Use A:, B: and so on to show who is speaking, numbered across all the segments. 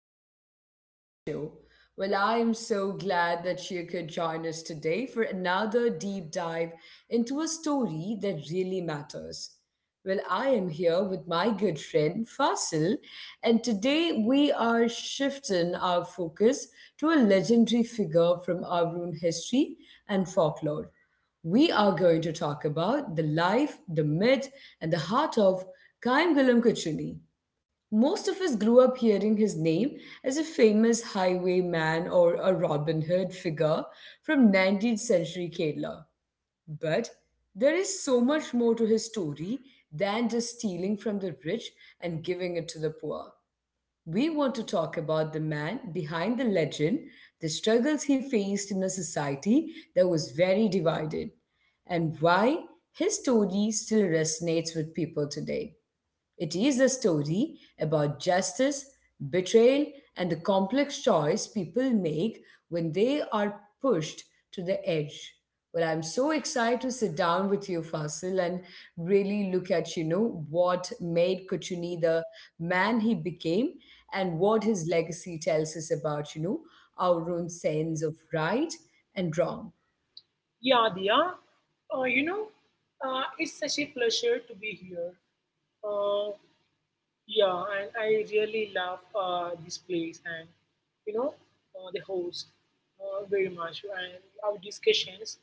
A: welcome back to my show. I am so glad that you could join us today for another deep dive into a story that really matters. I am here with my good friend Fasil, and today we are shifting our focus to a legendary figure from our own history and folklore. We are going to talk about the life, the myth, and the heart of Kaim Gulam Kuchuni. Most of us grew up hearing his name as a famous highwayman or a Robin Hood figure from 19th century Kerala. But there is so much more to his story than just stealing from the rich and giving it to the poor. We want to talk about the man behind the legend, the struggles he faced in a society that was very divided, and why his story still resonates with people today. It is a story about justice, betrayal, and the complex choice people make when they are pushed to the edge. I'm so excited to sit down with you, Fasil, and really look at, you know, what made Kuchuni the man he became and what his legacy tells us about, you know, our own sense of right and wrong.
B: Yeah, Diya. Uh, you know, it's such a pleasure to be here. Uh, yeah, and I really love this place and you know the host very much, and our discussions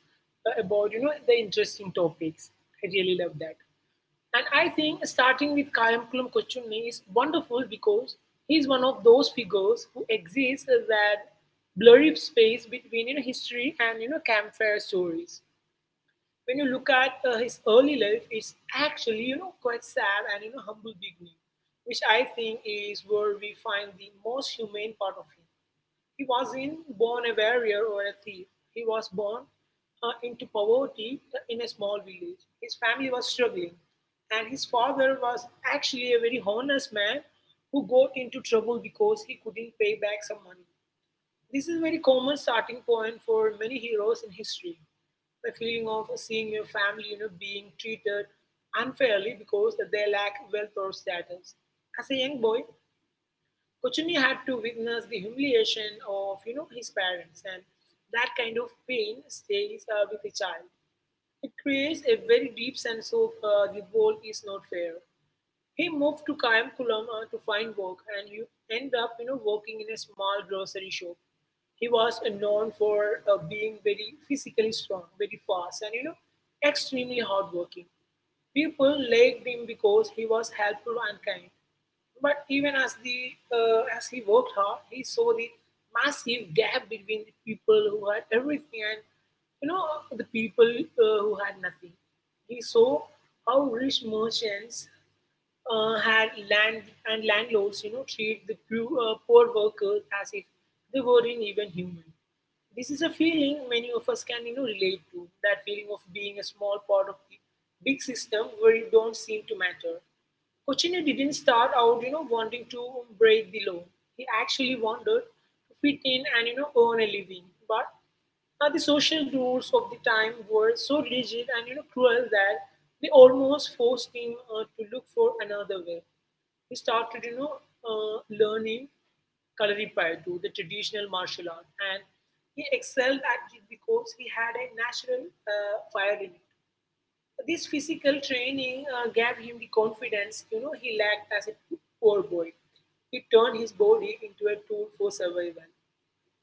B: about the interesting topics. I really love that, and I think starting with Kayamkulam Kochunni is wonderful because he's one of those figures who exists as that blurry space between history and campfire stories. When you look at his early life, it's actually quite sad and humble beginning, which I think is where we find the most humane part of him. He wasn't born a warrior or a thief. He was born into poverty in a small village. His family was struggling, and his father was actually a very honest man who got into trouble because he couldn't pay back some money. This is a very common starting point for many heroes in history. The feeling of seeing your family being treated unfairly because they lack wealth or status. As a young boy, Kochuni had to witness the humiliation of his parents, and that kind of pain stays with a child. It creates a very deep sense of the world is not fair. He moved to Kayankulam to find work and you end up working in a small grocery shop. He was known for being very physically strong, very fast, and extremely hardworking. People liked him because he was helpful and kind. But even as he worked hard, he saw the massive gap between the people who had everything and you know the people who had nothing. He saw how rich merchants had land, and landlords treat the poor workers as if they weren't even human. This is a feeling many of us can relate to. That feeling of being a small part of the big system where you don't seem to matter. Cochino didn't start out wanting to break the law. He actually wanted to fit in and earn a living. But the social rules of the time were so rigid and cruel that they almost forced him to look for another way. He started learning Kalaripayattu, the traditional martial art, and he excelled at it because he had a natural fire in it. This physical training gave him the confidence, he lacked as a poor boy. He turned his body into a tool for survival.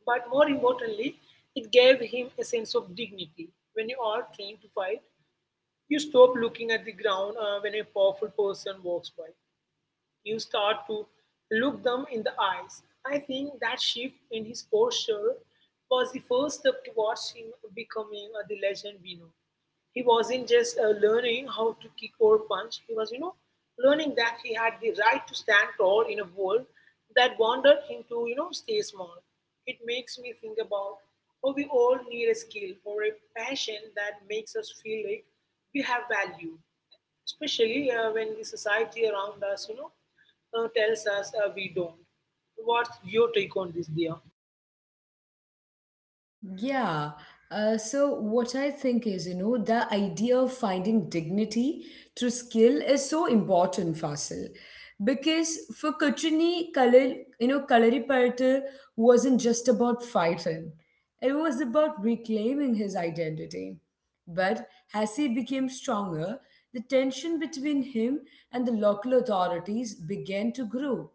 B: But more importantly, it gave him a sense of dignity. When you are trained to fight, you stop looking at the ground when a powerful person walks by. You start to look them in the eyes. I think that shift in his posture was the first step towards him becoming the legend we know. He wasn't just learning how to kick or punch. He was learning that he had the right to stand tall in a world that wanted him to stay small. It makes me think about how we all need a skill or a passion that makes us feel like we have value, especially when the society around us, tells us we don't. What's your take on this, Dia?
A: Yeah. So what I think is, you know, the idea of finding dignity through skill is so important, Fasil, because for Kachini, Kalil, you know, Kalaripayattu wasn't just about fighting; it was about reclaiming his identity. But as he became stronger, the tension between him and the local authorities began to grow.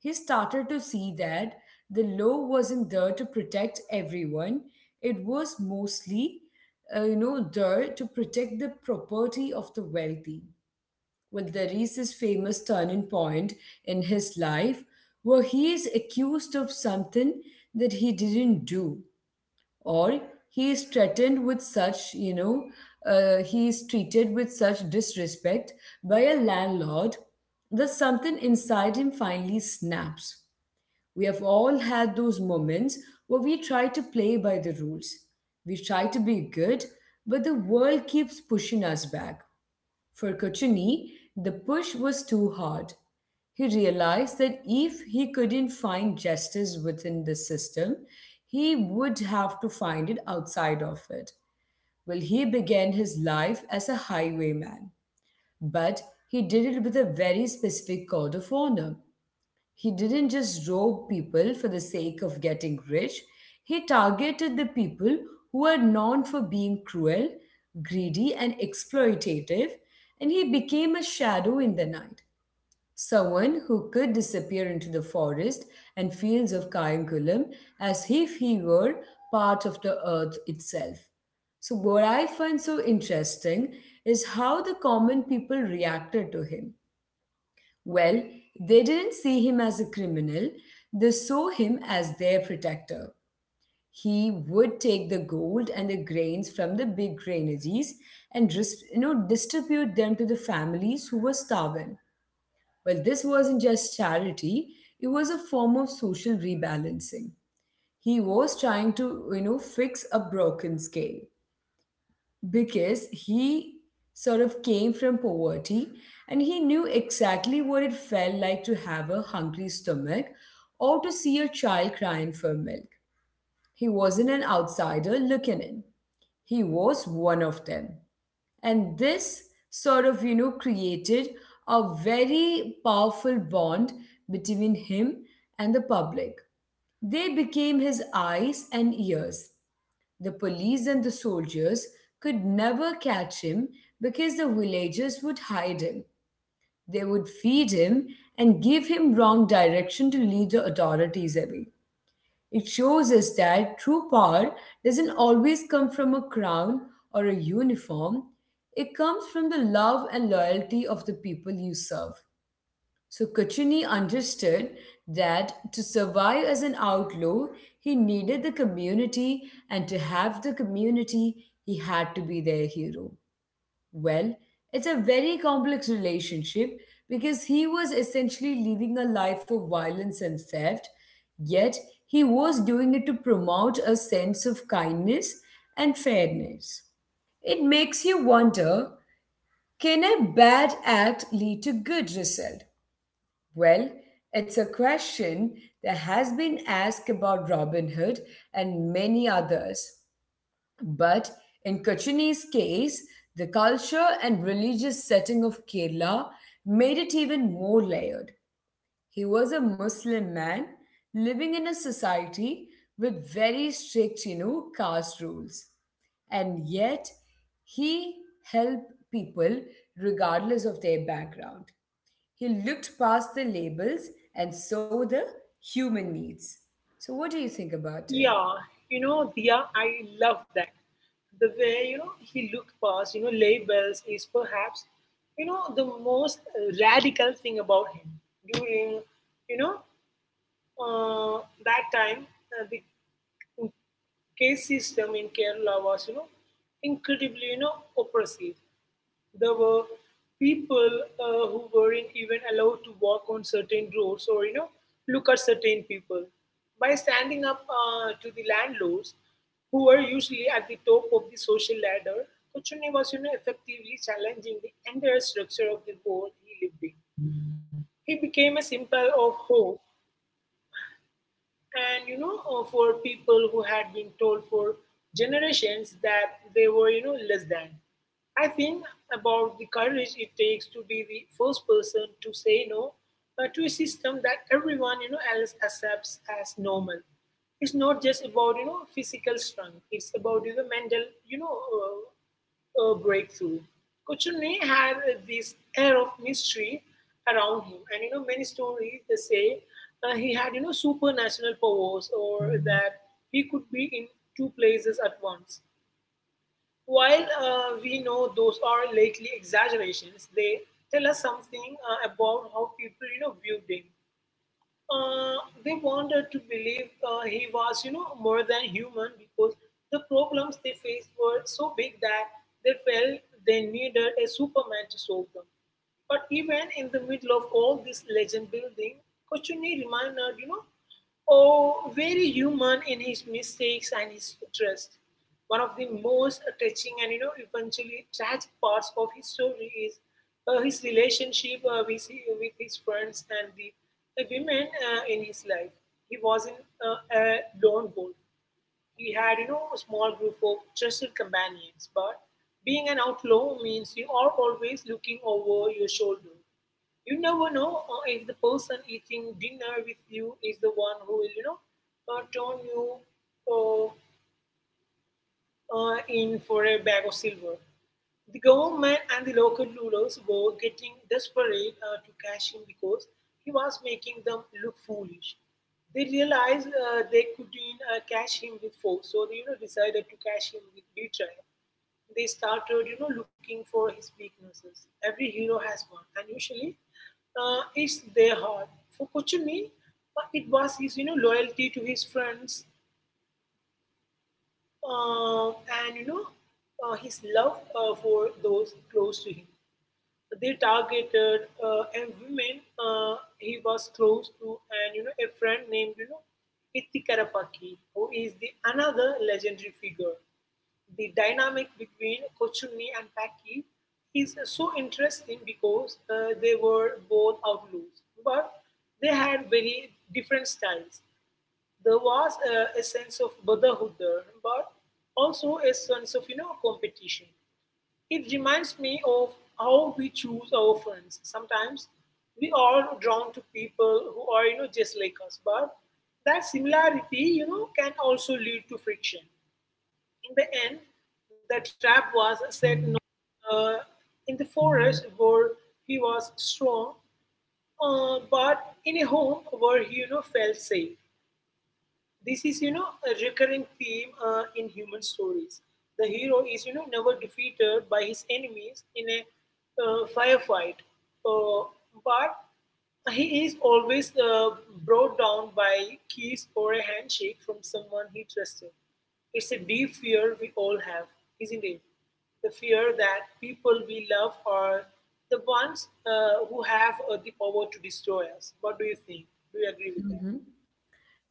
A: He started to see that the law wasn't there to protect everyone. It was mostly, you know, there to protect the property of the wealthy. There is this famous turning point in his life where he is accused of something that he didn't do, or he is threatened with such, he is treated with such disrespect by a landlord that something inside him finally snaps. We have all had those moments where we try to play by the rules. We try to be good, but the world keeps pushing us back. For Kochuni, the push was too hard. He realized that if he couldn't find justice within the system, he would have to find it outside of it. He began his life as a highwayman, but he did it with a very specific code of honor. He didn't just rob people for the sake of getting rich, he targeted the people who were known for being cruel, greedy, and exploitative, and he became a shadow in the night. Someone who could disappear into the forest and fields of Kayankulam as if he were part of the earth itself. So, what I find so interesting is how the common people reacted to him well, they didn't see him as a criminal, they saw him as their protector. He would take the gold and the grains from the big granaries and you know, distribute them to the families who were starving. This wasn't just charity, it was a form of social rebalancing. He was trying to, you know, fix a broken scale because he sort of came from poverty and he knew exactly what it felt like to have a hungry stomach or to see a child crying for milk. He wasn't an outsider looking in, he was one of them. And this sort of, you know, created a very powerful bond between him and the public. They became his eyes and ears. The police and the soldiers could never catch him because the villagers would hide him. They would feed him and give him wrong direction to lead the authorities away. It shows us that true power doesn't always come from a crown or a uniform, it comes from the love and loyalty of the people you serve. So Cochini understood that to survive as an outlaw, he needed the community, and to have the community, he had to be their hero. Well, it's a very complex relationship because he was essentially living a life of violence and theft, yet he was doing it to promote a sense of kindness and fairness. It makes you wonder, can a bad act lead to good result? Well, it's a question that has been asked about Robin Hood and many others. But in Kochini's case, the culture and religious setting of Kerala made it even more layered. He was a Muslim man living in a society with very strict, you know, caste rules. And yet, he helped people regardless of their background. He looked past the labels and saw the human needs. So, what do you think about it?
B: Yeah, Dia, I love that. The way, he looked past, labels is perhaps, the most radical thing about him during, you know, uh, that time, the case system in Kerala was incredibly, oppressive. There were people who weren't even allowed to walk on certain roads or look at certain people. By standing up to the landlords, who were usually at the top of the social ladder, Kuchuni was effectively challenging the entire structure of the world he lived in. He became a symbol of hope and you know for people who had been told for generations that they were less than. I think about the courage it takes to be the first person to say no to a system that everyone else accepts as normal. It's not just about physical strength; it's about the mental, a breakthrough. Kuchunni had this air of mystery around him, and many stories they say he had supernatural powers, or that he could be in two places at once. While we know those are likely exaggerations, they tell us something about how people viewed him. uh, they wanted to believe he was more than human, because the problems they faced were so big that they felt they needed a Superman to solve them. But even in the middle of all this legend building, Kochuni reminded, oh, very human in his mistakes and his trust. One of the most touching and eventually tragic parts of his story is his relationship with his friends and the women in his life. He wasn't a lone wolf. He had a small group of trusted companions, but being an outlaw means you are always looking over your shoulder. You never know if the person eating dinner with you is the one who will turn you uh, in for a bag of silver. The government and the local rulers were getting desperate to cash him because he was making them look foolish. They realized they couldn't catch him with force, so they decided to catch him with betrayal. They started looking for his weaknesses. Every hero has one, and usually it's their heart. For Kochumi, it was his loyalty to his friends uh, and his love for those close to him. They targeted a woman he was close to, and a friend named Ithikarapaki, who is the another legendary figure. The dynamic between Kochunni and Paki is so interesting because they were both outlaws, but they had very different styles. There was a sense of brotherhood there, but also a sense of competition. It reminds me of how we choose our friends. Sometimes we are drawn to people who are just like us, but that similarity can also lead to friction. In the end, the trap was set uh, in the forest where he was strong, but in a home where he felt safe. This is a recurring theme in human stories. The hero is never defeated by his enemies in a firefight, uh, but he is always brought down by kiss or a handshake from someone he trusted. It's a deep fear we all have, isn't it? The fear that people we love are the ones who have the power to destroy us. What do you think? Do you agree with that?
A: Mhm.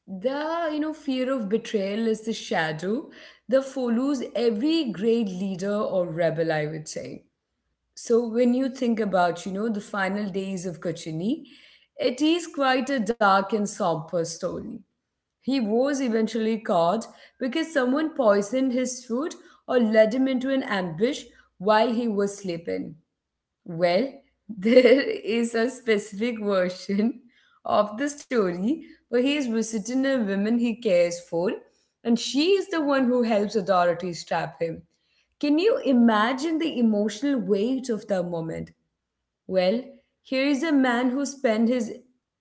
A: The you know fear of betrayal is the shadow that follows every great leader or rebel, I would say. So when you think about you know the final days of Kachini, it is quite a dark and somber story. He was eventually caught because someone poisoned his food or led him into an ambush while he was sleeping. Well, there is a specific version of the story where he is visiting a woman he cares for, and she is the one who helps authorities trap him. Can you imagine the emotional weight of that moment? Well, Here is a man who spent his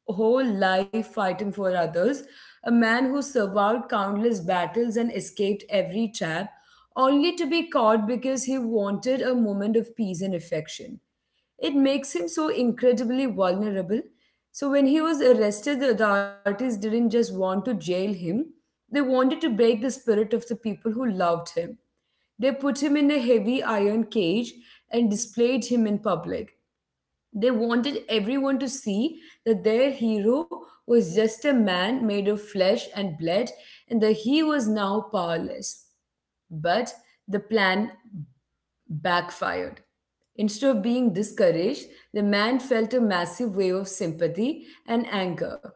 A: whole life fighting for others, a man who survived countless battles and escaped every trap, only to be caught because he wanted a moment of peace and affection. It makes him so incredibly vulnerable. So when he was arrested, the authorities didn't just want to jail him, they wanted to break the spirit of the people who loved him. They put him in a heavy iron cage and displayed him in public. They wanted everyone to see that their hero was just a man made of flesh and blood and that he was now powerless. But the plan backfired. Instead of being discouraged, the man felt a massive wave of sympathy and anger.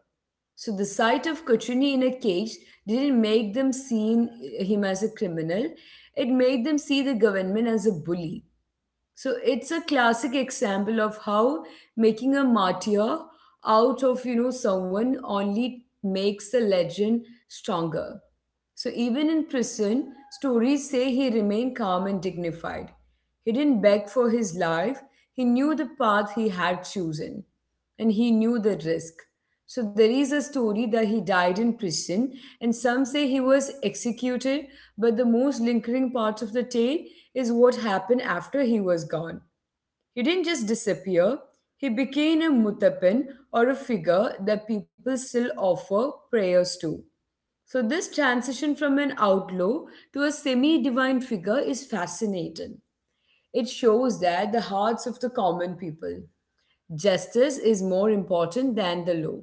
A: So the sight of Kuchuni in a cage didn't make them see him as a criminal. It made them see the government as a bully. So it's a classic example of how making a martyr out of you know someone only makes the legend stronger. So even in prison, stories say he remained calm and dignified. He didn't beg for his life. He knew the path he had chosen and he knew the risk. So there is a story that he died in prison and some say he was executed, but the most lingering part of the tale is what happened after he was gone. He didn't just disappear. He became a mutapin or a figure that people still offer prayers to. So, this transition from an outlaw to a semi divine figure is fascinating. It shows that the hearts of the common people, justice is more important than the law.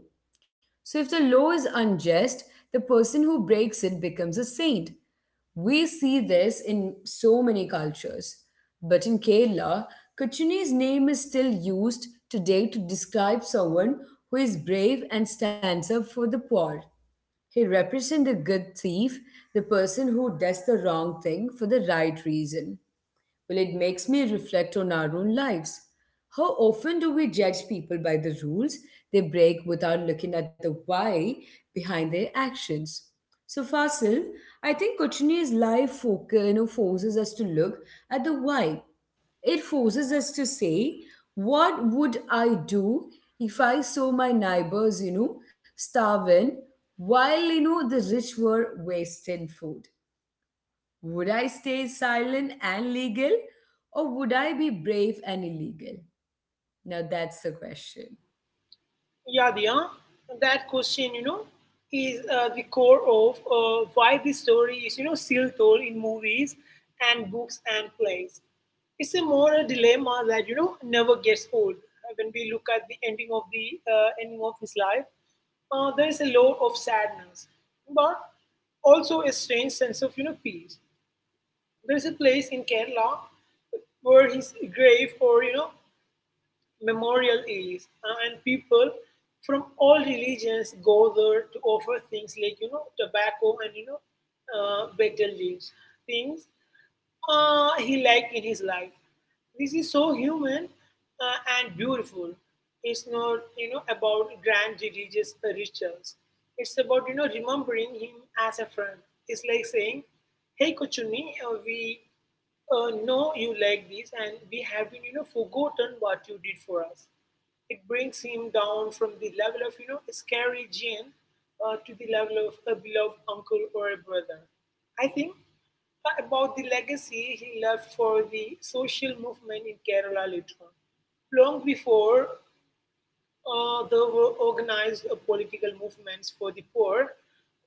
A: So, if the law is unjust, the person who breaks it becomes a saint. We see this in so many cultures. But in Kerala, Kachuni's name is still used today to describe someone who is brave and stands up for the poor. He represents the good thief, the person who does the wrong thing for the right reason. It makes me reflect on our own lives. How often do we judge people by the rules they break without looking at the why behind their actions? So, Fasil, I think Cochini's life focus, you know, forces us to look at the why. It forces us to say, what would I do if I saw my neighbors, you know, starving while, you know, the rich were wasting food? Would I stay silent and legal or would I be brave and illegal? Now that's the question.
B: Yadnya, that question, is the core of why this story is still told in movies and books and plays. It's a moral dilemma that never gets old. When we look at the ending of his life, there is a lot of sadness, but also a strange sense of peace. There is a place in Kerala where his grave, or memorial is, and people from all religions go there to offer things like tobacco and betel leaves, things he liked in his life. This is so human and beautiful. It's not about grand religious rituals. It's about remembering him as a friend. It's like saying, "Hey, Kochuni, we know you like this, and we have been forgotten what you did for us." It brings him down from the level of a scary gene to the level of a beloved uncle or a brother. I think about the legacy he left for the social movement in Kerala later on. Long before there were organized political movements for the poor,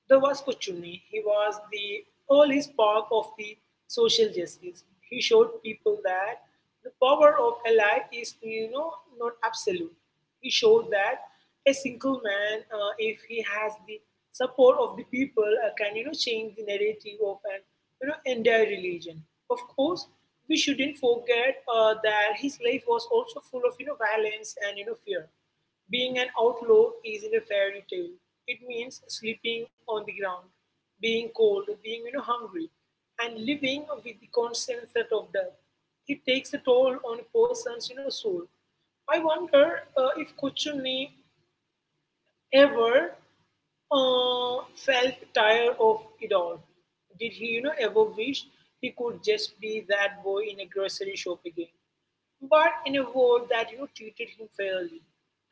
B: there was Kuchuni. He was the early spark of the social justice. He showed people that the power of a life is not absolute. He showed that a single man, if he has the support of the people, can change the narrative of an entire religion. Of course, we shouldn't forget that his life was also full of violence and fear. Being an outlaw isn't a fairy tale. It means sleeping on the ground, being cold, being hungry, and living with the constant threat of death. It takes a toll on a person's soul. I wonder if Kuchuni ever felt tired of it all. Did he, ever wish he could just be that boy in a grocery shop again, but in a world that treated him fairly?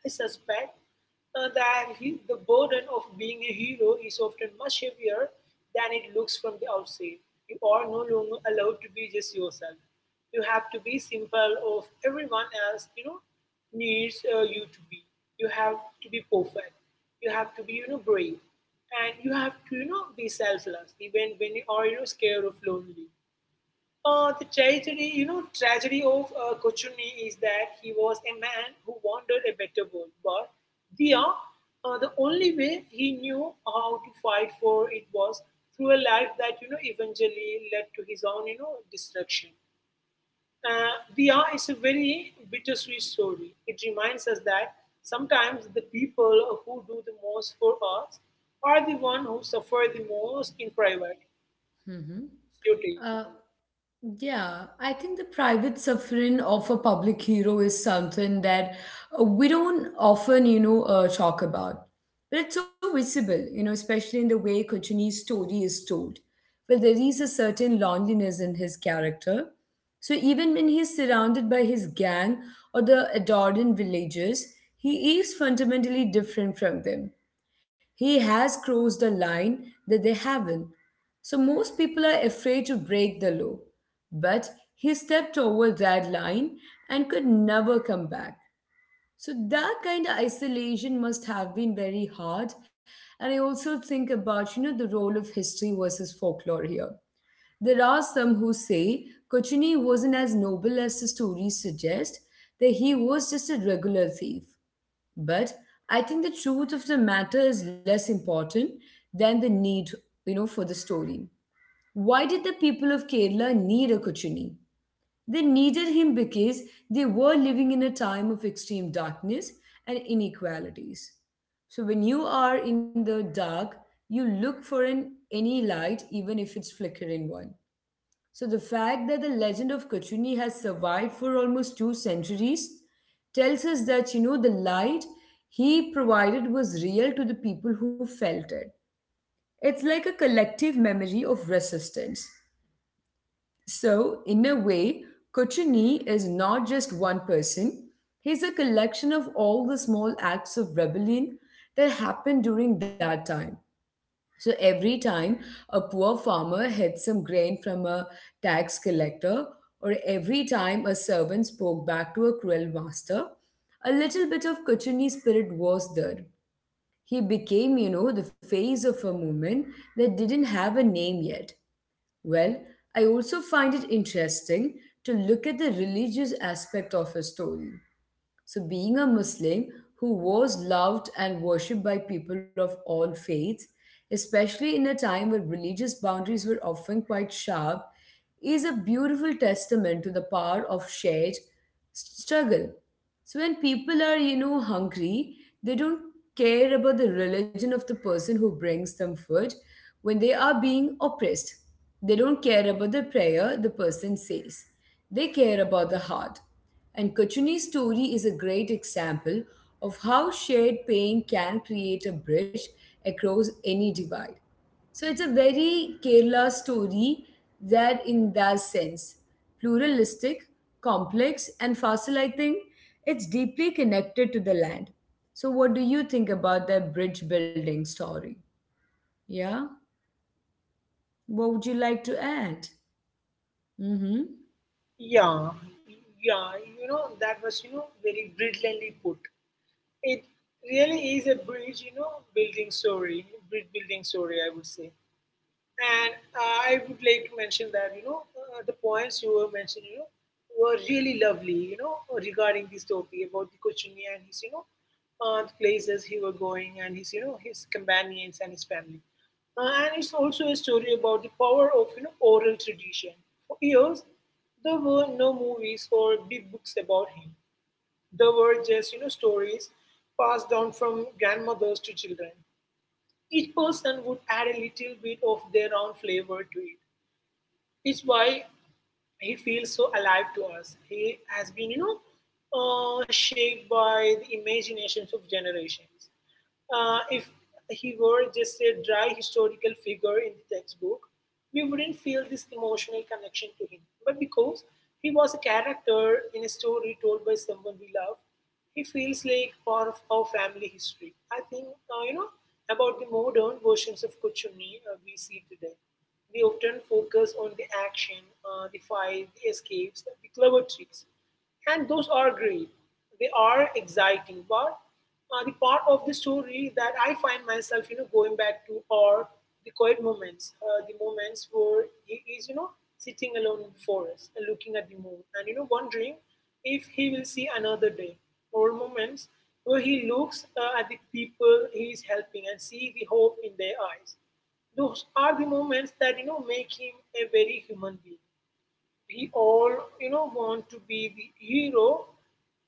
B: I suspect that the burden of being a hero is often much heavier than it looks from the outside. You are no longer allowed to be just yourself. You have to be simple of everyone else, needs you to be. You have to be perfect. You have to be, brave, and you have to, be selfless even when you are, scared of lonely. The tragedy of Kochuni is that he was a man who wanted a better world, but, Dia, the only way he knew how to fight for it was through a life that eventually led to his own destruction. Dia is a very bittersweet story. It reminds us that sometimes the people who do the most for us are the one who suffer the most in private.
A: Mhm.
B: Your take on…
A: Uh, Yeah, I think the private suffering of a public hero is something that we don't often, you know, talk about. But it's so visible, you know, especially in the way Kochuni's story is told. There is a certain loneliness in his character. So even when he's surrounded by his gang or the Adoran villagers, he is fundamentally different from them. He has crossed a line that they haven't. So most people are afraid to break the law. But he stepped over that line and could never come back. So that kind of isolation must have been very hard. And I also think about, you know, the role of history versus folklore here. There are some who say Kochuni wasn't as noble as the stories suggest, that he was just a regular thief. But I think the truth of the matter is less important than the need, you know, for the story. Why did the people of Kerala need a Kuchini? They needed him because they were living in a time of extreme darkness and inequalities. So when you are in the dark, you look for an any light, even if it's flickering one. So the fact that the legend of Kachuni has survived for almost 2 centuries tells us that the light he provided was real to the people who felt it. It's like a collective memory of resistance. So in a way, Kochuni is not just one person. He's a collection of all the small acts of rebellion that happened during that time. So every time a poor farmer hid some grain from a tax collector, or every time a servant spoke back to a cruel master, a little bit of Kuchuni spirit was there. He became, the face of a movement that didn't have a name yet. Well, I also find it interesting to look at the religious aspect of his story. So, being a Muslim who was loved and worshipped by people of all faiths, especially in a time where religious boundaries were often quite sharp, is a beautiful testament to the power of shared struggle. So, when people are, hungry, they don't care about the religion of the person who brings them food. When they are being oppressed, they don't care about the prayer the person says, they care about the heart. And Kochuni's story is a great example of how shared pain can create a bridge across any divide. So it's a very Kerala story that, in that sense, pluralistic, complex, and fossil, I think it's deeply connected to the land. So, what do you think about that bridge building story? Yeah, what would you like to add? Mm hmm.
B: Yeah, yeah, that was, very brilliantly put. It really is a bridge, building story, bridge building story, I would say. And I would like to mention that, the points you were mentioning, were really lovely, regarding this topic about the Kochuni and his, the places he were going and his, his companions and his family. And it's also a story about the power of, oral tradition. For years, there were no movies or big books about him. There were just, stories passed down from grandmothers to children. Each person would add a little bit of their own flavor to it. It's why he feels so alive to us. He has been, shaped by the imaginations of generations. If he were just a dry historical figure in the textbook, we wouldn't feel this emotional connection to him. But because he was a character in a story told by someone we love, he feels like part of our family history. I think, about the modern versions of Kuchumi we see today. We often focus on the action, the fight, the escapes, the clever tricks, and those are great. They are exciting, but the part of the story that I find myself, going back to are the quiet moments, the moments where he is, sitting alone in the forest and looking at the moon, and wondering if he will see another day, or moments where he looks at the people he is helping and see the hope in their eyes. Those are the moments that make him a very human being. We all want to be the hero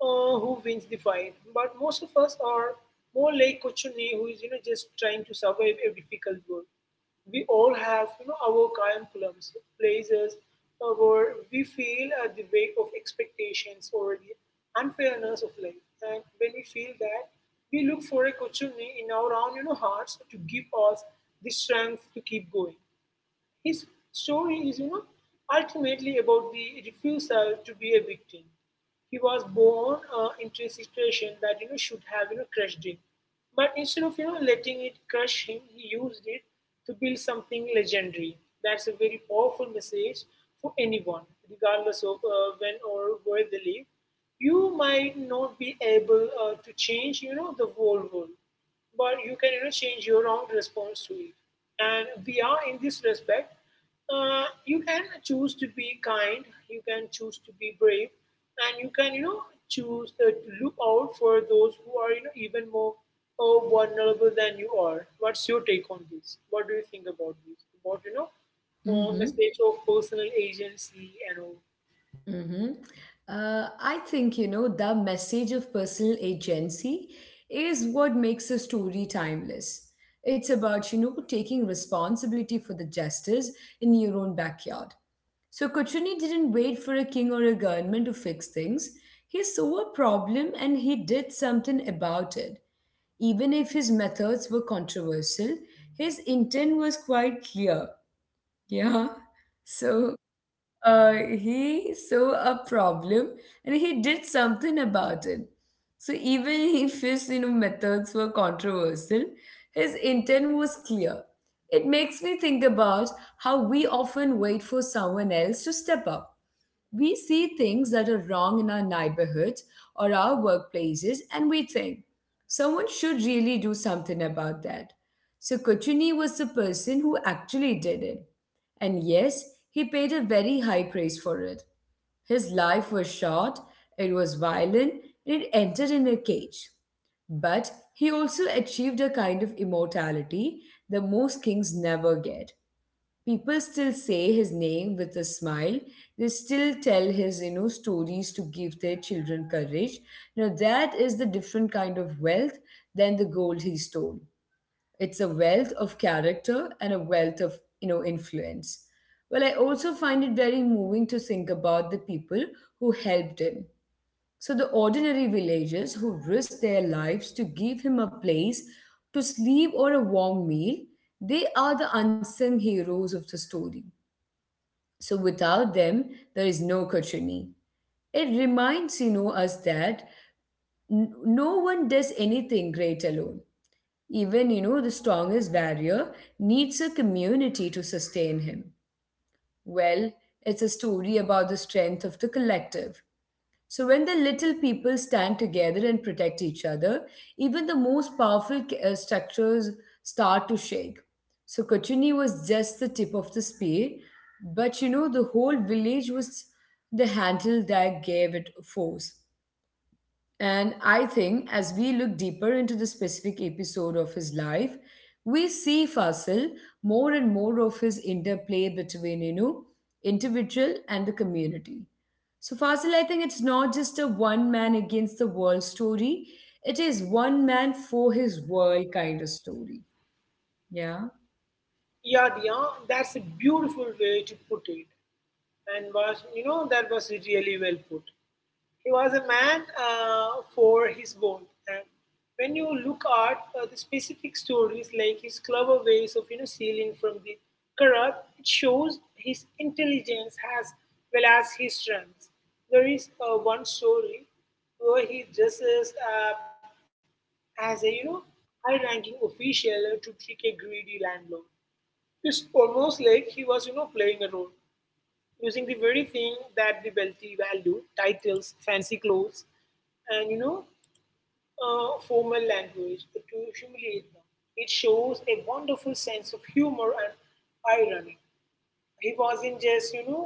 B: who wins the fight, but most of us are more like Kochuni, who is just trying to survive a difficult world. We all have our calm plums, places where we feel at the weight of expectations or the unfairness of life, and when we feel that, we look for a Kochuni in our own hearts to give us the strength to keep going. His story is, ultimately about the refusal to be a victim. He was born into a situation that should have crushed him, but instead of letting it crush him, he used it to build something legendary. That's a very powerful message for anyone, regardless of when or where they live. You might not be able to change, the whole world, but you can change your own response to it. And we are in this respect. You can choose to be kind, you can choose to be brave, and you can choose to look out for those who are even more vulnerable than you are. What's your take on this? What do you think about this? About
A: Mm
B: on the
A: hmm.
B: stage of personal agency and all?
A: hmm I think, the message of personal agency is what makes a story timeless. It's about, taking responsibility for the justice in your own backyard. So Kuchuni didn't wait for a king or a government to fix things. He saw a problem and he did something about it. Even if his methods were controversial, his intent was quite clear. Yeah. So he saw a problem and he did something about it. So even if his methods were controversial, his intent was clear. It makes me think about how we often wait for someone else to step up. We see things that are wrong in our neighborhoods or our workplaces, and we think someone should really do something about that. So Kuchuni was the person who actually did it. And yes, he paid a very high price for it. His life was short, it was violent, and it ended in a cage. But he also achieved a kind of immortality that most kings never get. People still say his name with a smile. They still tell his, stories to give their children courage. Now that is the different kind of wealth than the gold he stole. It's a wealth of character and a wealth of influence. Well, I also find it very moving to think about the people who helped him. So, the ordinary villagers who risked their lives to give him a place to sleep or a warm meal, they are the unsung heroes of the story. So without them, there is no Kochuni. It reminds, us that no one does anything great alone. Even, the strongest warrior needs a community to sustain him. Well, it's a story about the strength of the collective. So, when the little people stand together and protect each other, even the most powerful structures start to shake. So, Kochuni was just the tip of the spear, but the whole village was the handle that gave it force. And I think as we look deeper into the specific episode of his life, we see Fasil more and more of his interplay between, individual and the community. So Fasil, I think it's not just a one man against the world story. It is one man for his world kind of story. Yeah.
B: Yeah, that's a beautiful way to put it. And was that was really well put. He was a man for his world, and when you look at the specific stories, like his clever ways of stealing from the corrupt, it shows his intelligence as well as his strengths. There is one story where he dresses up as a high-ranking official to trick a greedy landlord. It's almost like he was playing a role, using the very thing that the wealthy value: titles, fancy clothes, and formal language, to humiliate them. It shows a wonderful sense of humor and irony. He wasn't just,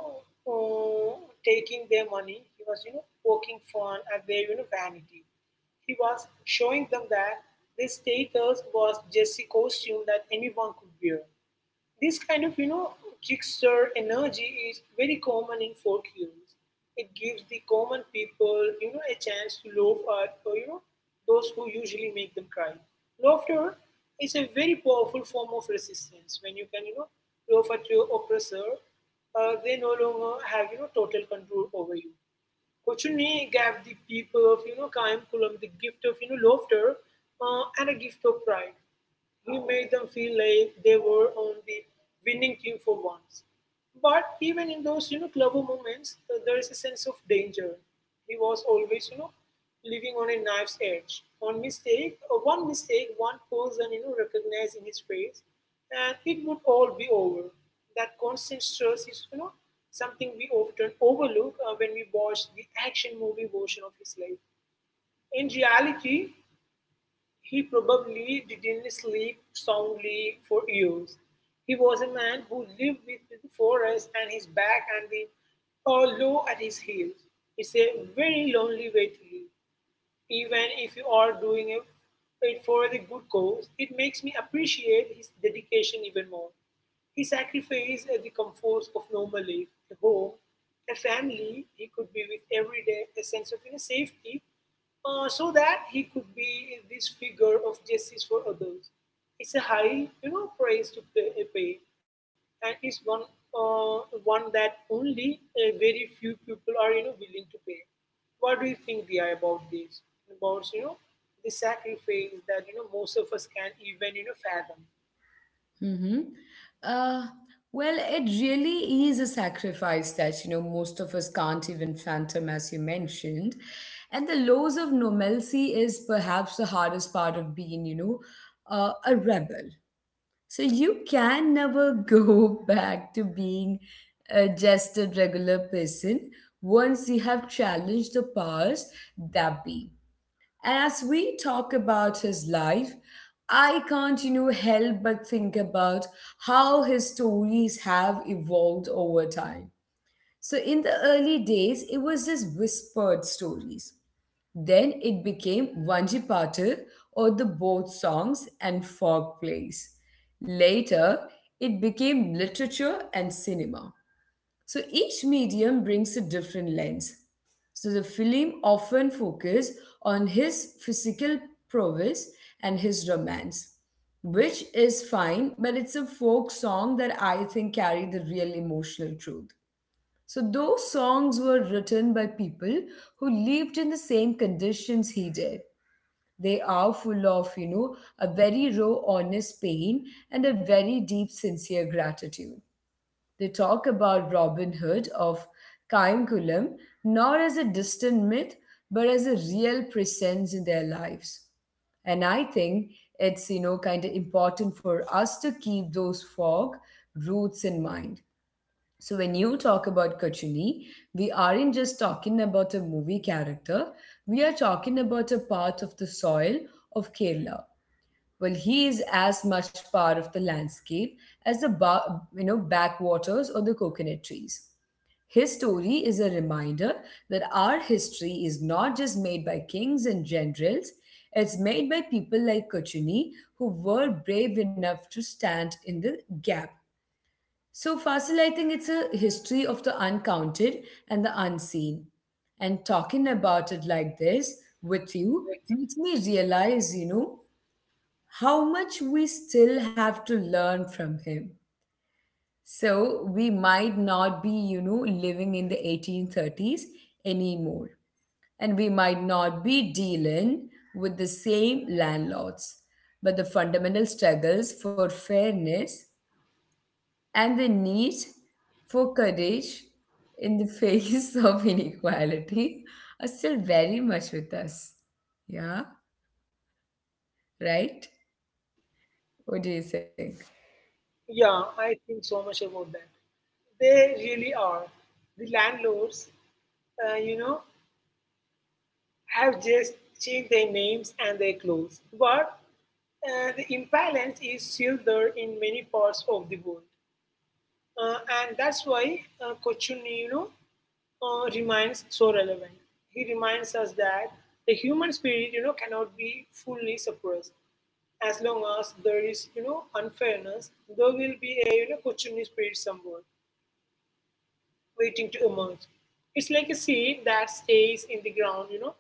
B: uh, taking their money, he was, poking fun at their, vanity. He was showing them that this status was just a costume that anyone could wear. This kind of, trickster energy is very common in folk heroes. It gives the common people, a chance to laugh at, or, those who usually make them cry. Laughter is a very powerful form of resistance. When you can, laugh at your oppressor, they no longer have, total control over you. Kochuni gave the people of, Kaimkulam the gift of, laughter and a gift of pride. He made them feel like they were on the winning team for once. But even in those, clever moments, there is a sense of danger. He was always, living on a knife's edge. One mistake, one person, recognizing his face, and it would all be over. That constant stress is, something we often overlook when we watch the action movie version of his life. In reality, he probably didn't sleep soundly for years. He was a man who lived with the forest and his back and the hollow at his heels. It's a very lonely way to live. Even if you are doing it for the good cause, it makes me appreciate his dedication even more. He sacrificed the comforts of normal life: a home, a family he could be with every day, a sense of inner safety, so that he could be this figure of justice for others. It's a high, price to pay, and it's one that only a very few people are, willing to pay. What do you think, Dia, about this? About the sacrifice that most of us can even fathom?
A: Mm-hmm. Uh, well, it really is a sacrifice that, most of us can't even fathom, as you mentioned. And the loss of normalcy is perhaps the hardest part of being, a rebel. So you can never go back to being just a regular person once you have challenged the powers that be. As we talk about his life, I can't, help but think about how his stories have evolved over time. So in the early days, it was just whispered stories. Then it became Vanji Patil or the boat songs and folk plays. Later, it became literature and cinema. So each medium brings a different lens. So the film often focuses on his physical prowess and his romance, which is fine, but it's a folk song that I think carry the real emotional truth. So those songs were written by people who lived in the same conditions he did. They are full of, a very raw, honest pain and a very deep, sincere gratitude. They talk about Robin Hood of Cainculum not as a distant myth, but as a real presence in their lives. And I think it's, kind of important for us to keep those fog roots in mind. So when you talk about Kachuni, we aren't just talking about a movie character, we are talking about a part of the soil of Kerala. Well, he is as much part of the landscape as the backwaters or the coconut trees. His story is a reminder that our history is not just made by kings and generals; it's made by people like Kochuni who were brave enough to stand in the gap. So, Fasil, I think it's a history of the uncounted and the unseen. And talking about it like this with you makes me realize, how much we still have to learn from him. So we might not be, living in the 1830s anymore. And we might not be dealing with the same landlords. But the fundamental struggles for fairness and the need for courage in the face of inequality are still very much with us. Yeah, right? What do you think?
B: Yeah, I think so much about that. They really are. The landlords, uh, you know, have just changed their names and their clothes, but the imbalance is still there in many parts of the world. And that's why Kochunni, remains so relevant. He reminds us that the human spirit, cannot be fully suppressed. As long as there is, unfairness, there will be a, Kochunni spirit somewhere waiting to emerge. It's like a seed that stays in the ground,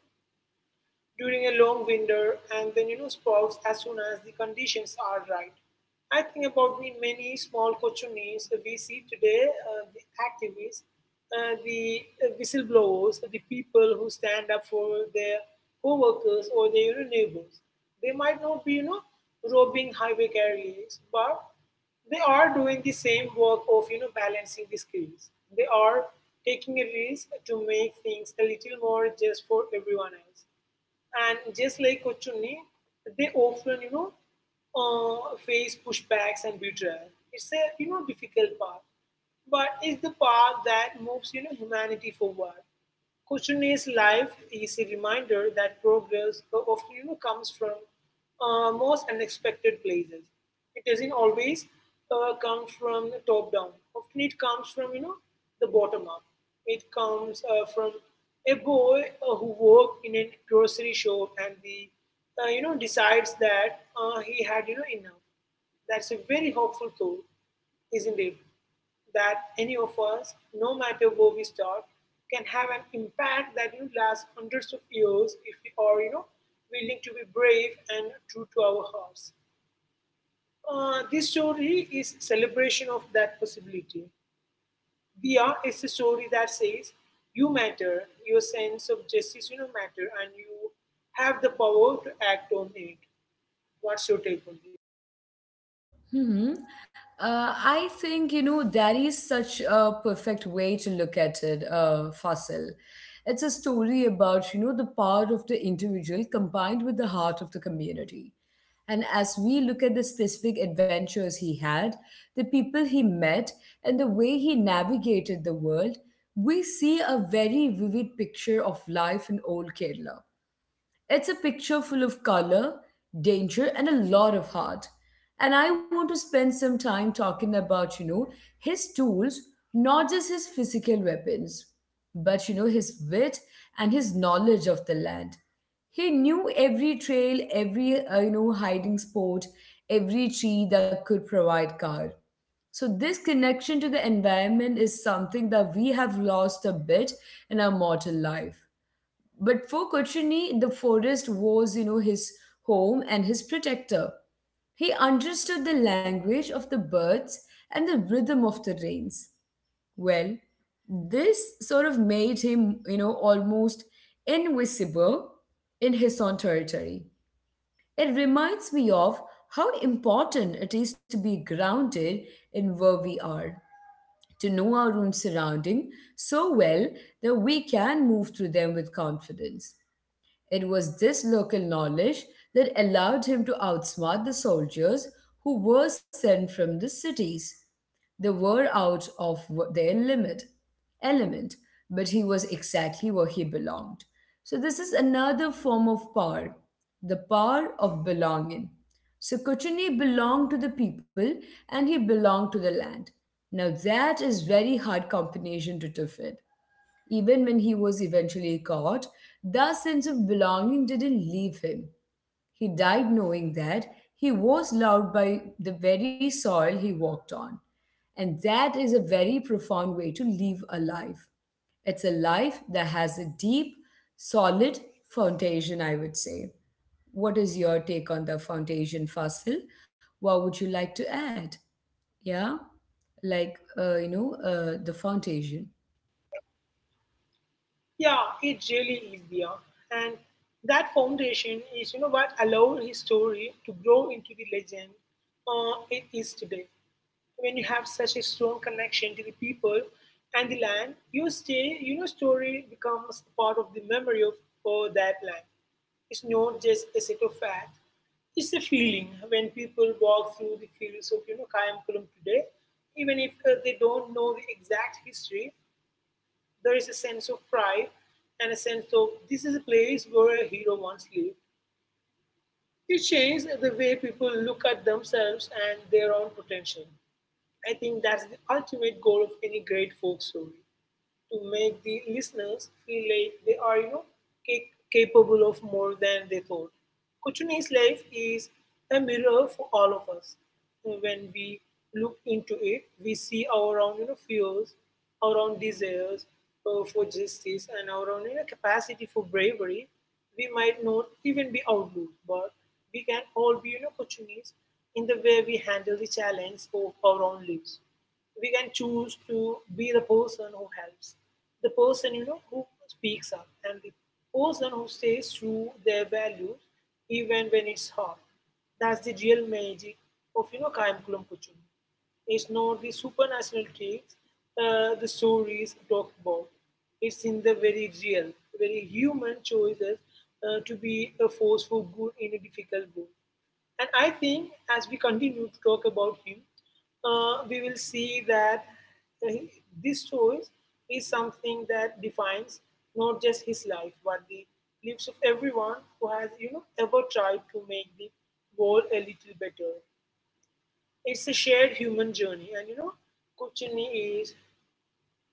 B: during a long winter, and then sprouts as soon as the conditions are right. I think about the many small cochonies we see today, the activists, the whistleblowers, the people who stand up for their co-workers or their neighbors. They might not be, robbing highway carriers, but they are doing the same work of balancing the scales. They are taking a risk to make things a little more just for everyone else. And just like Kochunni, they often, uh, face pushbacks and betrayal. It's a, difficult path, but it's the path that moves, humanity forward. Kushner's life is a reminder that progress often comes from most unexpected places. It doesn't always come from the top down. Often it comes from the bottom up. It comes from a boy who worked in a grocery shop and the you know decides that he had enough. That's a very hopeful thought, isn't it, that any of us, no matter where we start, can have an impact that will last hundreds of years if we are willing to be brave and true to our hearts. This story is celebration of that possibility. Dia is a story that says you matter, your sense of justice matter, and you have the power to act on it. What's your take on this?
A: hmm I think, that is such a perfect way to look at it, Fasil. It's a story about, the power of the individual combined with the heart of the community. And as we look at the specific adventures he had, the people he met, and the way he navigated the world, we see a very vivid picture of life in old Kerala. It's a picture full of color, danger, and a lot of heart. And I want to spend some time talking about, his tools, not just his physical weapons, but, his wit and his knowledge of the land. He knew every trail, every hiding spot, every tree that could provide cover. So, this connection to the environment is something that we have lost a bit in our mortal life. But for Kochuni, the forest was, his home and his protector. He understood the language of the birds and the rhythm of the rains. Well, this sort of made him, almost invisible in his own territory. It reminds me of how important it is to be grounded in where we are, to know our own surrounding so well that we can move through them with confidence. It was this local knowledge that allowed him to outsmart the soldiers who were sent from the cities. They were out of w- their limit element, but he was exactly where he belonged. So this is another form of power, the power of belonging. So Kuchini belonged to the people and he belonged to the land. Now that is very hard combination to defend. Even when he was eventually caught, that sense of belonging didn't leave him. He died knowing that he was loved by the very soil he walked on. And that is a very profound way to live a life. It's a life that has a deep, solid foundation, I would say. What is your take on the foundation, Fasil? What would you like to add? Yeah, like, the foundation.
B: Yeah, it really is, Dia. And that foundation is what allowed his story to grow into the legend it is today. When you have such a strong connection to the people and the land, you stay story becomes part of the memory of that land. It's not just a set of facts. It's a feeling when people walk through the fields of Kayampalam today, even if they don't know the exact history, there is a sense of pride and a sense of this is a place where a hero once lived. It changed the way people look at themselves and their own potential. I think that's the ultimate goal of any great folk story, to make the listeners feel like they are capable of more than they thought. Kuchuni's life is a mirror for all of us. When we look into it, we see our own fears, our own desires for justice, and our own capacity for bravery. We might not even be outlaws, but we can all be opportunities in the way we handle the challenge of our own lives. We can choose to be the person who helps, the person who speaks up, and the person who stays true their values even when it's hard. That's the real magic of Kaimkulum Kuchum. It's not the supernatural traits the stories talk about. It's in the very real, very human choices, to be a force for good in a difficult world. And I think, as we continue to talk about him, we will see that uh, this choice is something that defines not just his life, but the lives of everyone who has ever tried to make the world a little better. It's a shared human journey, and Kuchini is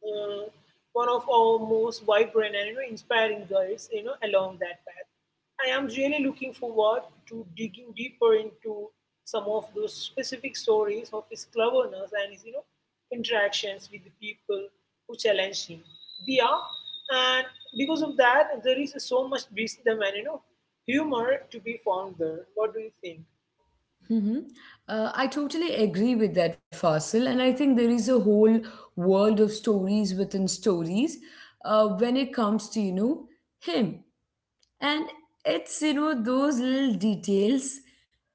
B: uh, one of our most vibrant and inspiring girls along that path. I am really looking forward to digging deeper into some of those specific stories of his cleverness and his interactions with the people who challenge him. They are. And because of that there is so much wisdom and humor to be found there. What do you think?
A: hmm I totally agree with that, Fasil. And I think there is a whole world of stories within stories when it comes to, him. And it's, those little details,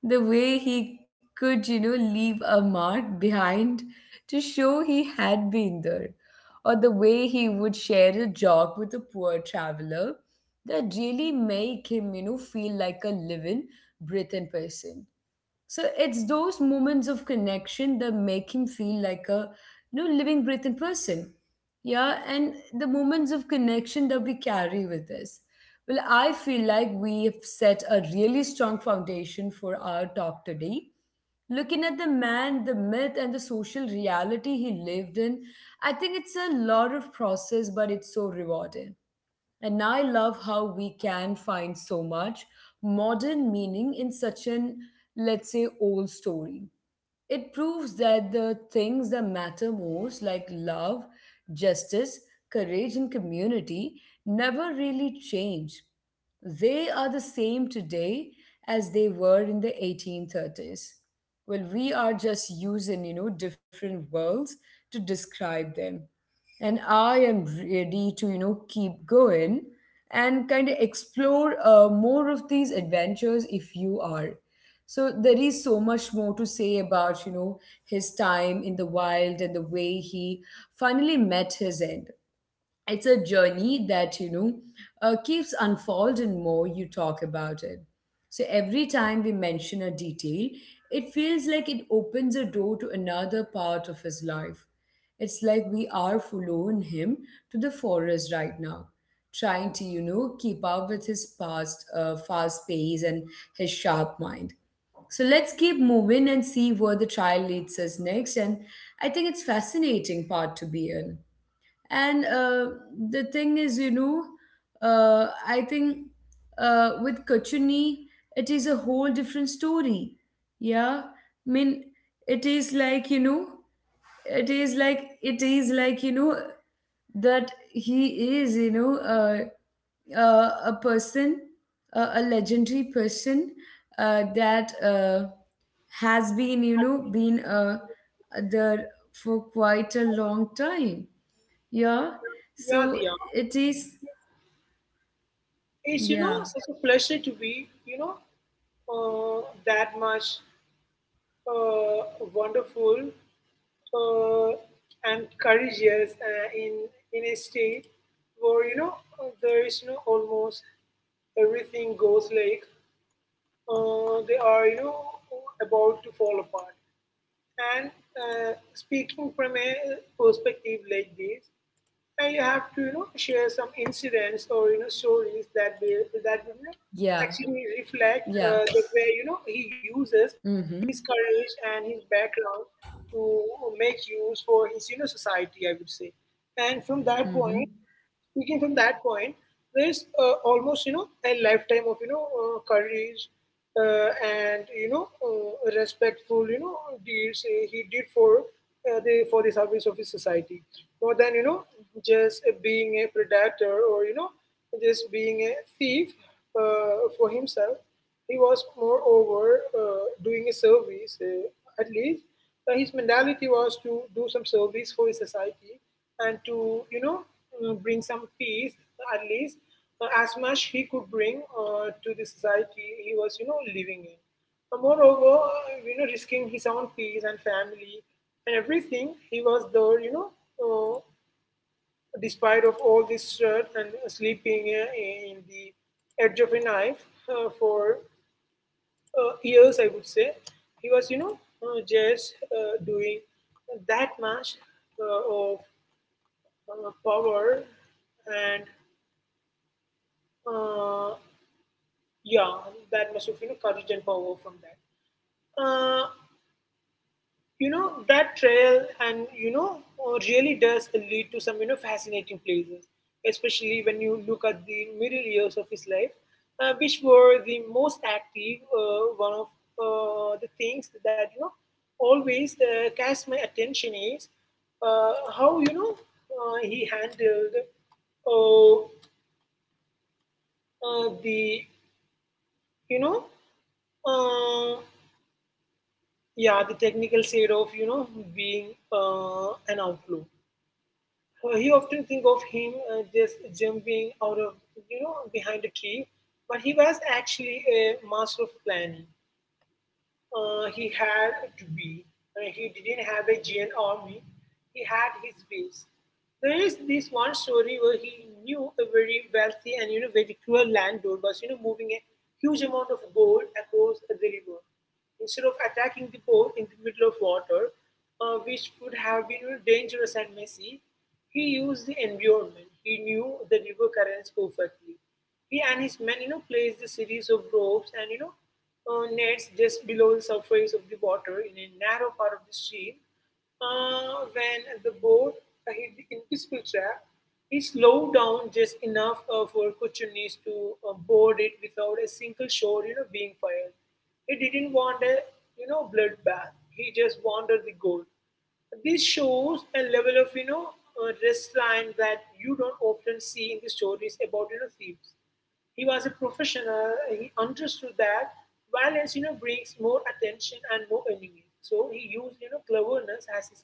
A: the way he could, leave a mark behind to show he had been there, or the way he would share a joke with a poor traveler that really make him, feel like a living, breathing person. So it's those moments of connection that make him feel like a living, breathing person. Yeah, and the moments of connection that we carry with us. Well, I feel like we have set a really strong foundation for our talk today. Looking at the man, the myth, and the social reality he lived in, I think it's a lot of process, but it's so rewarding. And I love how we can find so much modern meaning in such an, let's say, old story. It proves that the things that matter most, like love, justice, courage, and community, never really change. They are the same today as they were in the 1830s. Well, we are just using, you know, different words to describe them, and I am ready to, you know, keep going and kind of explore more of these adventures if you are. So there is so much more to say about, you know, his time in the wild and the way he finally met his end. It's a journey that keeps unfolding more you talk about it. So every time we mention a detail, it feels like it opens a door to another part of his life. It's like we are following him to the forest right now, trying to, you know, keep up with his past fast pace and his sharp mind. So let's keep moving and see where the trial leads us next. And I think it's fascinating part to be in. And the thing is, you know, I think with Kachuni, it is a whole different story. Yeah. I mean, it is like, you know, it is like, you know, that he is, you know, a person, a legendary person that has been, you know, been there for quite a long time. Yeah.
B: Yeah,
A: So
B: they are.
A: it is.
B: It's
A: Yeah.
B: such a pleasure to be that much wonderful uh, and courageous, in a state where there is almost everything goes like, they are about to fall apart. And speaking from a perspective like this, and you have to share some incidents or stories that will, you know,
A: Yeah.
B: actually reflect
A: Yeah.
B: the way he uses his
A: Mm-hmm.
B: courage and his background to make use for his society, I would say, and from that
A: Mm-hmm.
B: point. Speaking from that point, there's almost a lifetime of courage and respectful deeds he did for the service of his society, more than just being a predator or just being a thief for himself. He was moreover doing a service, at least his mentality was to do some service for his society and to bring some peace, at least as much he could bring to the society he was living in. Moreover, risking his own peace and family and everything, he was there, uh, despite of all this shirt and sleeping in the edge of a knife for years, I would say, he was just doing that much of power and, uh, yeah, that much of courage and power from that. Uh, that trail and really does lead to some fascinating places, especially when you look at the middle years of his life, which were the most active. One of the things that always catch my attention is how he handled, uh, the you know uh, yeah, the technical side of being an outlaw. You often think of him just jumping out of, behind a tree, but he was actually a master of planning. He had to be. He didn't have a giant army. He had his base. There is this one story where he knew a very wealthy and very cruel landlord was moving a huge amount of gold across the river. Instead of attacking the boat in the middle of water, which would have been, dangerous and messy, he used the environment. He knew the river currents perfectly. He and his men place the series of ropes and nets just below the surface of the water in a narrow part of the stream. When the boat hit the invisible trap, he slowed down just enough for Kuchunis to board it without a single shot being fired. He didn't want a bloodbath. He just wanted the gold. This shows a level of restraint that you don't often see in the stories about thieves. He was a professional. He understood that violence brings more attention and more enemies. So he used cleverness as his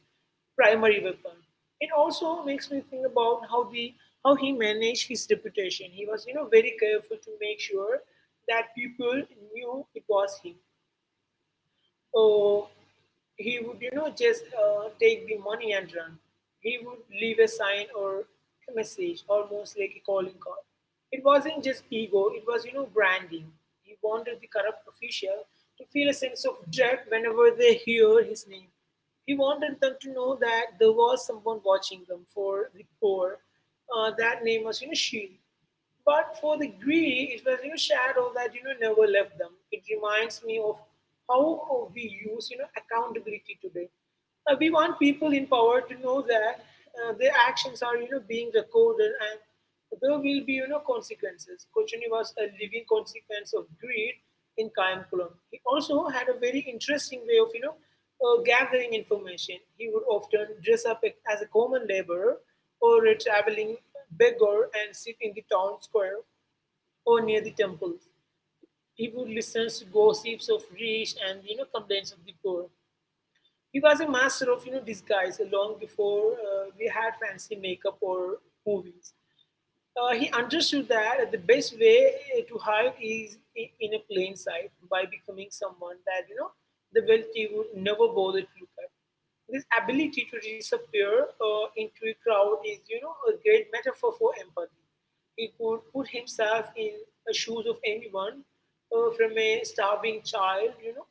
B: primary weapon. It also makes me think about how the how he managed his reputation. He was very careful to make sure that people knew it was him, or he would, just take the money and run. He would leave a sign or a message, almost like a calling card. It wasn't just ego, it was, branding. He wanted the corrupt official to feel a sense of dread whenever they hear his name. He wanted them to know that there was someone watching them for the poor. That name was, Shield. But for the Greek, it was your shadow that never left them. It reminds me of how we use accountability today. We want people in power to know that their actions are being recorded and there will be consequences. Kochuni was a living consequence of greed in Kayankulam. He also had a very interesting way of gathering information. He would often dress up as a common laborer or a traveling beggar and sit in the town square or near the temples. He would listen to gossips of rich and complaints of the poor. He was a master of disguise long before we had fancy makeup or movies. He understood that the best way to hide is in a plain sight by becoming someone that the wealthy would never bother to look at. This ability to disappear into a crowd is a great metaphor for empathy. He could put himself in the shoes of anyone, from a starving child,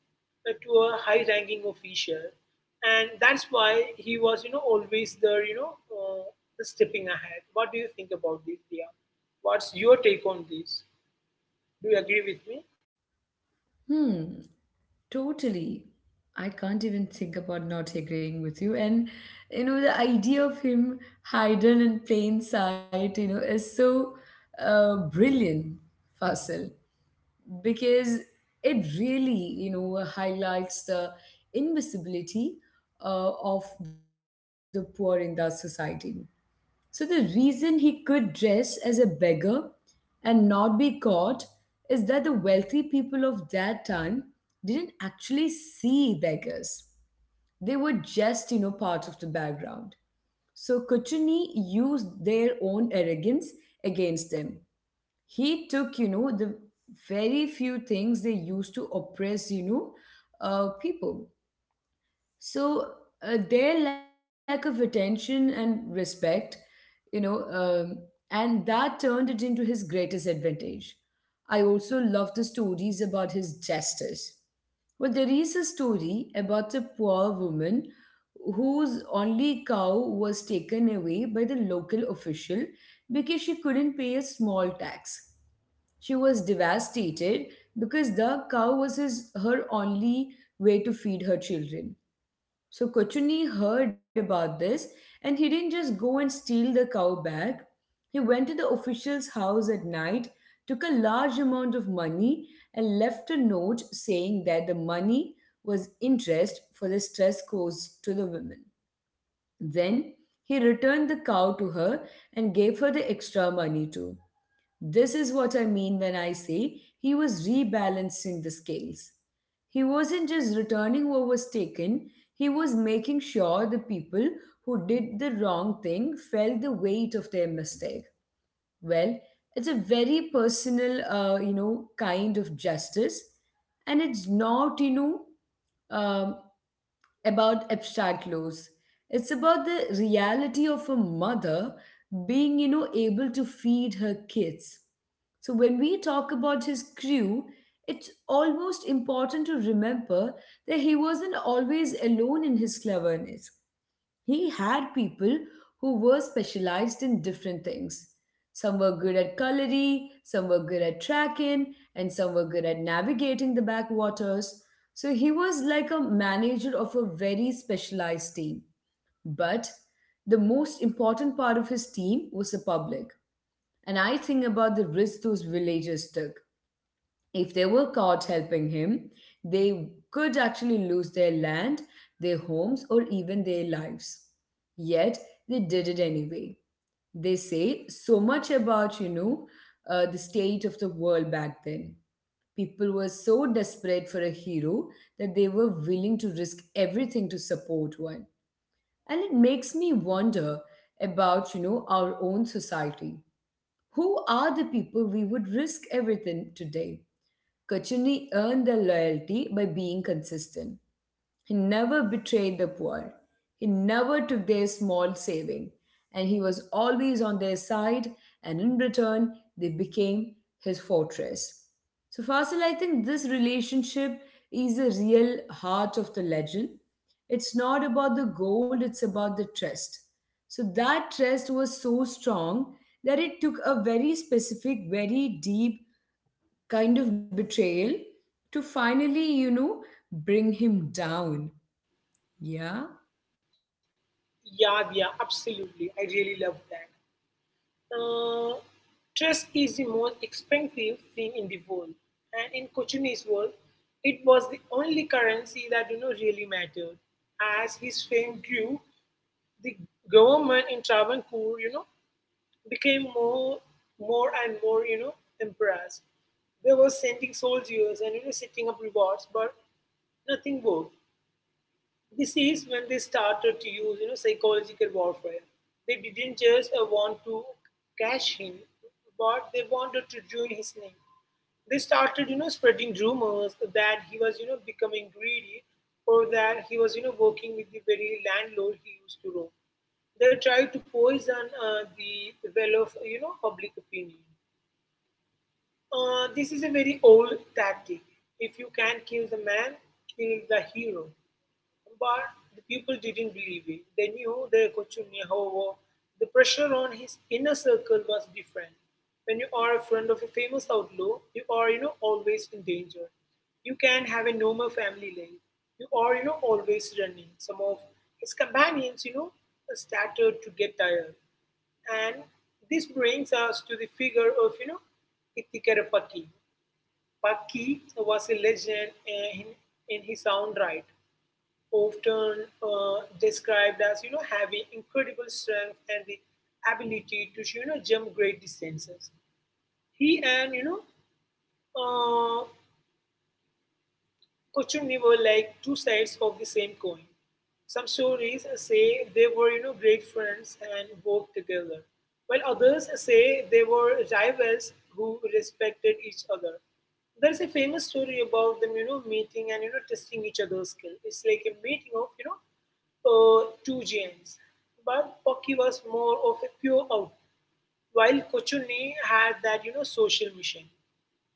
B: to a high-ranking official, and that's why he was, always there, the stepping ahead. What do you think about this, Dia? What's your take on this? Do you agree with me?
A: Hmm. Totally. I can't even think about not agreeing with you. And you know, the idea of him hidden in plain sight, you know, is so brilliant, Fasil, because it really, you know, highlights the invisibility of the poor in that society. So the reason he could dress as a beggar and not be caught is that the wealthy people of that time didn't actually see beggars. They were just, you know, part of the background. So Kuchuni used their own arrogance against them. He took, you know, the very few things they used to oppress, you know, people. So their lack of attention and respect, you know, um, and that turned it into his greatest advantage. I also love the stories about his justice. Well, there is a story about a poor woman whose only cow was taken away by the local official because she couldn't pay a small tax. She was devastated because the cow was his, her only way to feed her children. So Kochuni heard about this and he didn't just go and steal the cow back. He went to the official's house at night, took a large amount of money, and left a note saying that the money was interest for the stress caused to the women. Then he returned the cow to her and gave her the extra money too. This is what I mean when I say he was rebalancing the scales. He wasn't just returning what was taken, he was making sure the people who did the wrong thing felt the weight of their mistake. Well, it's a very personal, you know, kind of justice, and it's not, you know, um, about abstract laws. It's about the reality of a mother being, you know, able to feed her kids. So when we talk about his crew, it's almost important to remember that he wasn't always alone in his cleverness. He had people who were specialized in different things. Some were good at culinary, some were good at tracking, and some were good at navigating the backwaters. So he was like a manager of a very specialized team. But the most important part of his team was the public. And I think about the risk those villagers took. If they were caught helping him, they could actually lose their land, their homes, or even their lives. Yet they did it anyway. They say so much about, you know, the state of the world back then. People were so desperate for a hero that they were willing to risk everything to support one. And it makes me wonder about, you know, our own society. Who are the people we would risk everything today? Kachuni earned their loyalty by being consistent. He never betrayed the poor. He never took their small saving, and he was always on their side, and in return, they became his fortress. So, Fasil, I think this relationship is the real heart of the legend. It's not about the gold, it's about the trust. So, that trust was so strong that it took a very specific, very deep kind of betrayal to finally, you know, bring him down. Yeah.
B: Yeah, Dia, absolutely. I really love that. Uh, Trust is the most expensive thing in the world, and in Kochuni's world, it was the only currency that really mattered. As his fame grew, the government in Travancore, became more and more, embarrassed. They were sending soldiers and setting up rewards, but nothing worked. This is when they started to use, psychological warfare. They didn't just want to cash him, but they wanted to ruin his name. They started, spreading rumors that he was, becoming greedy, or that he was, working with the very landlord he used to rob. They tried to poison the well of, public opinion. This is a very old tactic. If you can't kill the man, kill the hero. But the people didn't believe it. They knew their Kochunni. However, the pressure on his inner circle was different. When you are a friend of a famous outlaw, you are, always in danger. You can have a normal family life. You are, always running. Some of his companions, started to get tired. And this brings us to the figure of, Ithikarapaki. Paki was a legend in his own right, often described as having incredible strength and the ability to jump great distances. He and uh, Kochunni were like two sides of the same coin. Some stories say they were, great friends and worked together, while others say they were rivals who respected each other. There's a famous story about them, meeting and testing each other's skill. It's like a meeting of, two giants. But Pocky was more of a pure out, while Kochunni had that social mission.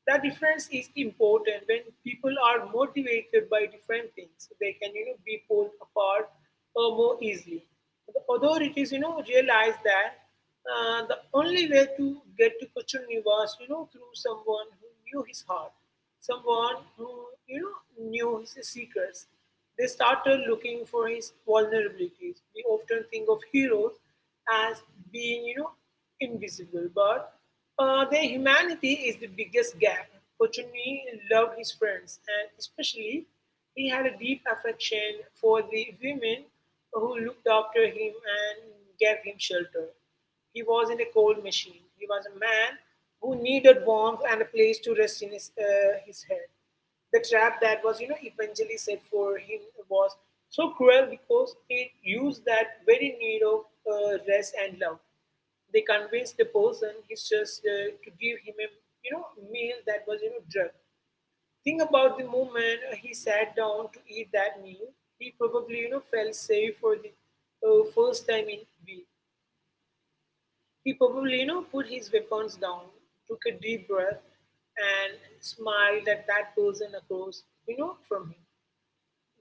B: That difference is important when people are motivated by different things. They can be pulled apart more easily. The authorities realized that the only way to get to Kochunni was through someone who knew his heart, someone who you know knew his secrets. They started looking for his vulnerabilities. We often think of heroes as being invisible, but their humanity is the biggest gap. Kochuni loved his friends, and especially he had a deep affection for the women who looked after him and gave him shelter. He wasn't a cold machine. He was a man who needed warmth and a place to rest in his head. The trap that was, eventually set for him was so cruel because it used that very need of rest and love. They convinced the person he's just to give him a, you know, meal that was, drug. Think about the moment he sat down to eat that meal. He probably, felt safe for the first time in weeks. He probably, put his weapons down, took a deep breath, and smiled at that person across, from him.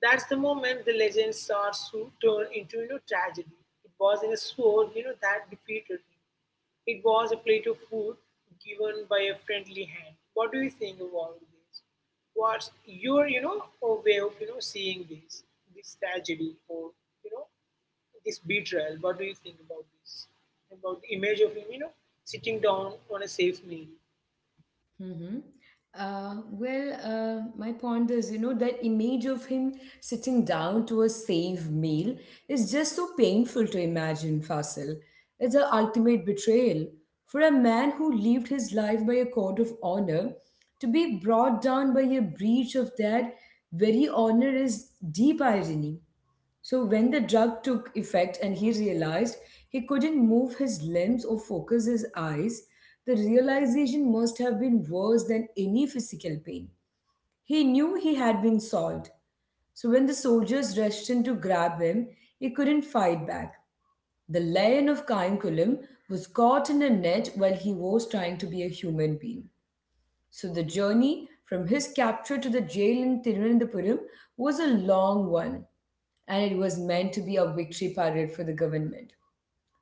B: That's the moment the legend starts to turn into, tragedy. It was in a sword, that defeated him. It was a plate of food given by a friendly hand. What do you think of all this? What's your, way of, seeing this, this tragedy, or, you know, this betrayal? What do you think about this? About the image of him, sitting down on a safe meal.
A: Mm-hmm. Well, my point is, you know, that image of him sitting down to a safe meal is just so painful to imagine, Fasil. It's the ultimate betrayal. For a man who lived his life by a code of honor, to be brought down by a breach of that very honor is deep irony. So, when the drug took effect and he realized he couldn't move his limbs or focus his eyes, the realization must have been worse than any physical pain. He knew he had been solved. So, when the soldiers rushed in to grab him, he couldn't fight back. The lion of Cainculum was caught in a net while he was trying to be a human being. So, the journey from his capture to the jail in Thiruvananthapuram was a long one and it was meant to be a victory parade for the government.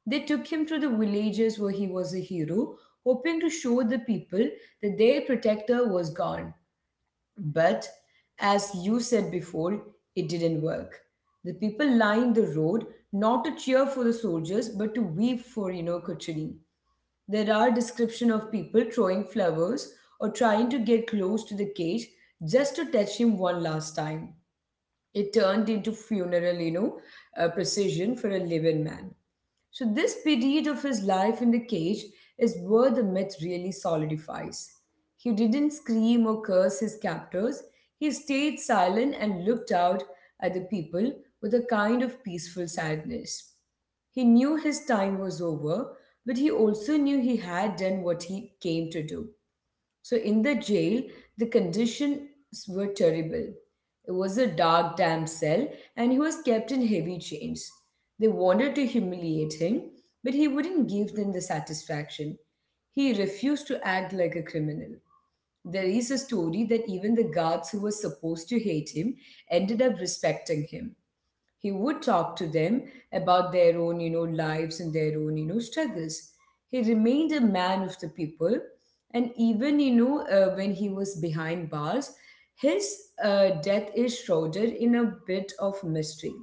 A: They took him to the villages where he was a hero, hoping to show the people that their protector was gone. But, as you said before, it didn't work. The people lined the road not to cheer for the soldiers but to weep for, you know, Kuchari. There are descriptions of people throwing flowers or trying to get close to the cage just to touch him one last time. It turned into funeral, you know, precision for a living man. So this period of his life in the cage is where the myth really solidifies. He didn't scream or curse his captors. He stayed silent and looked out at the people with a kind of peaceful sadness. He knew his time was over, but he also knew he had done what he came to do. So in the jail, the conditions were terrible. It was a dark, damp cell, and he was kept in heavy chains. They wanted to humiliate him, but he wouldn't give them the satisfaction. He refused to act like a criminal. There is a story that even the guards who were supposed to hate him ended up respecting him. He would talk to them about their own, you know, lives and their own, you know, struggles. He remained a man of the people, and even, you know, when he was behind bars, his death is shrouded in a bit of mystery.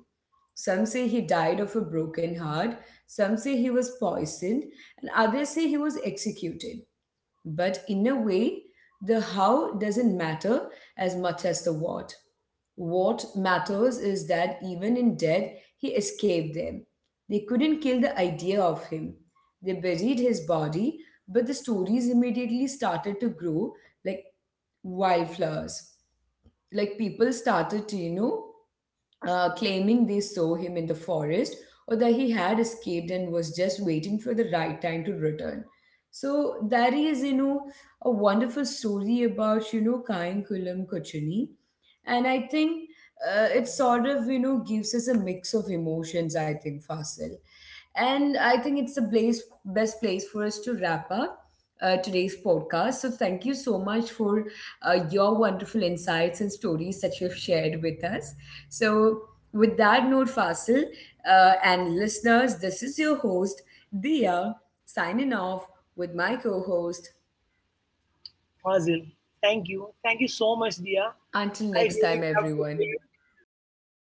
A: Some say he died of a broken heart, some say he was poisoned, and others say he was executed. But in a way, the how doesn't matter as much as the what. What matters is that even in death, he escaped them. They couldn't kill the idea of him. They buried his body, but the stories immediately started to grow like wildflowers. Like people started to, you know, claiming they saw him in the forest or that he had escaped and was just waiting for the right time to return. So that is, you know, a wonderful story about, you know, Kayankulam Kochuni. And I think it sort of, you know, gives us a mix of emotions, I think, Fasil. And I think it's the place, best place for us to wrap up today's podcast. So thank you so much for your wonderful insights and stories that you've shared with us. So, with that note, Fasil, and listeners, this is your host, Dia, signing off with my co host.
B: Fazil, thank you. Thank you so much, dear. I
A: Until
B: really
A: next
B: love
A: time,
B: to hear
A: everyone.
B: these things. It really,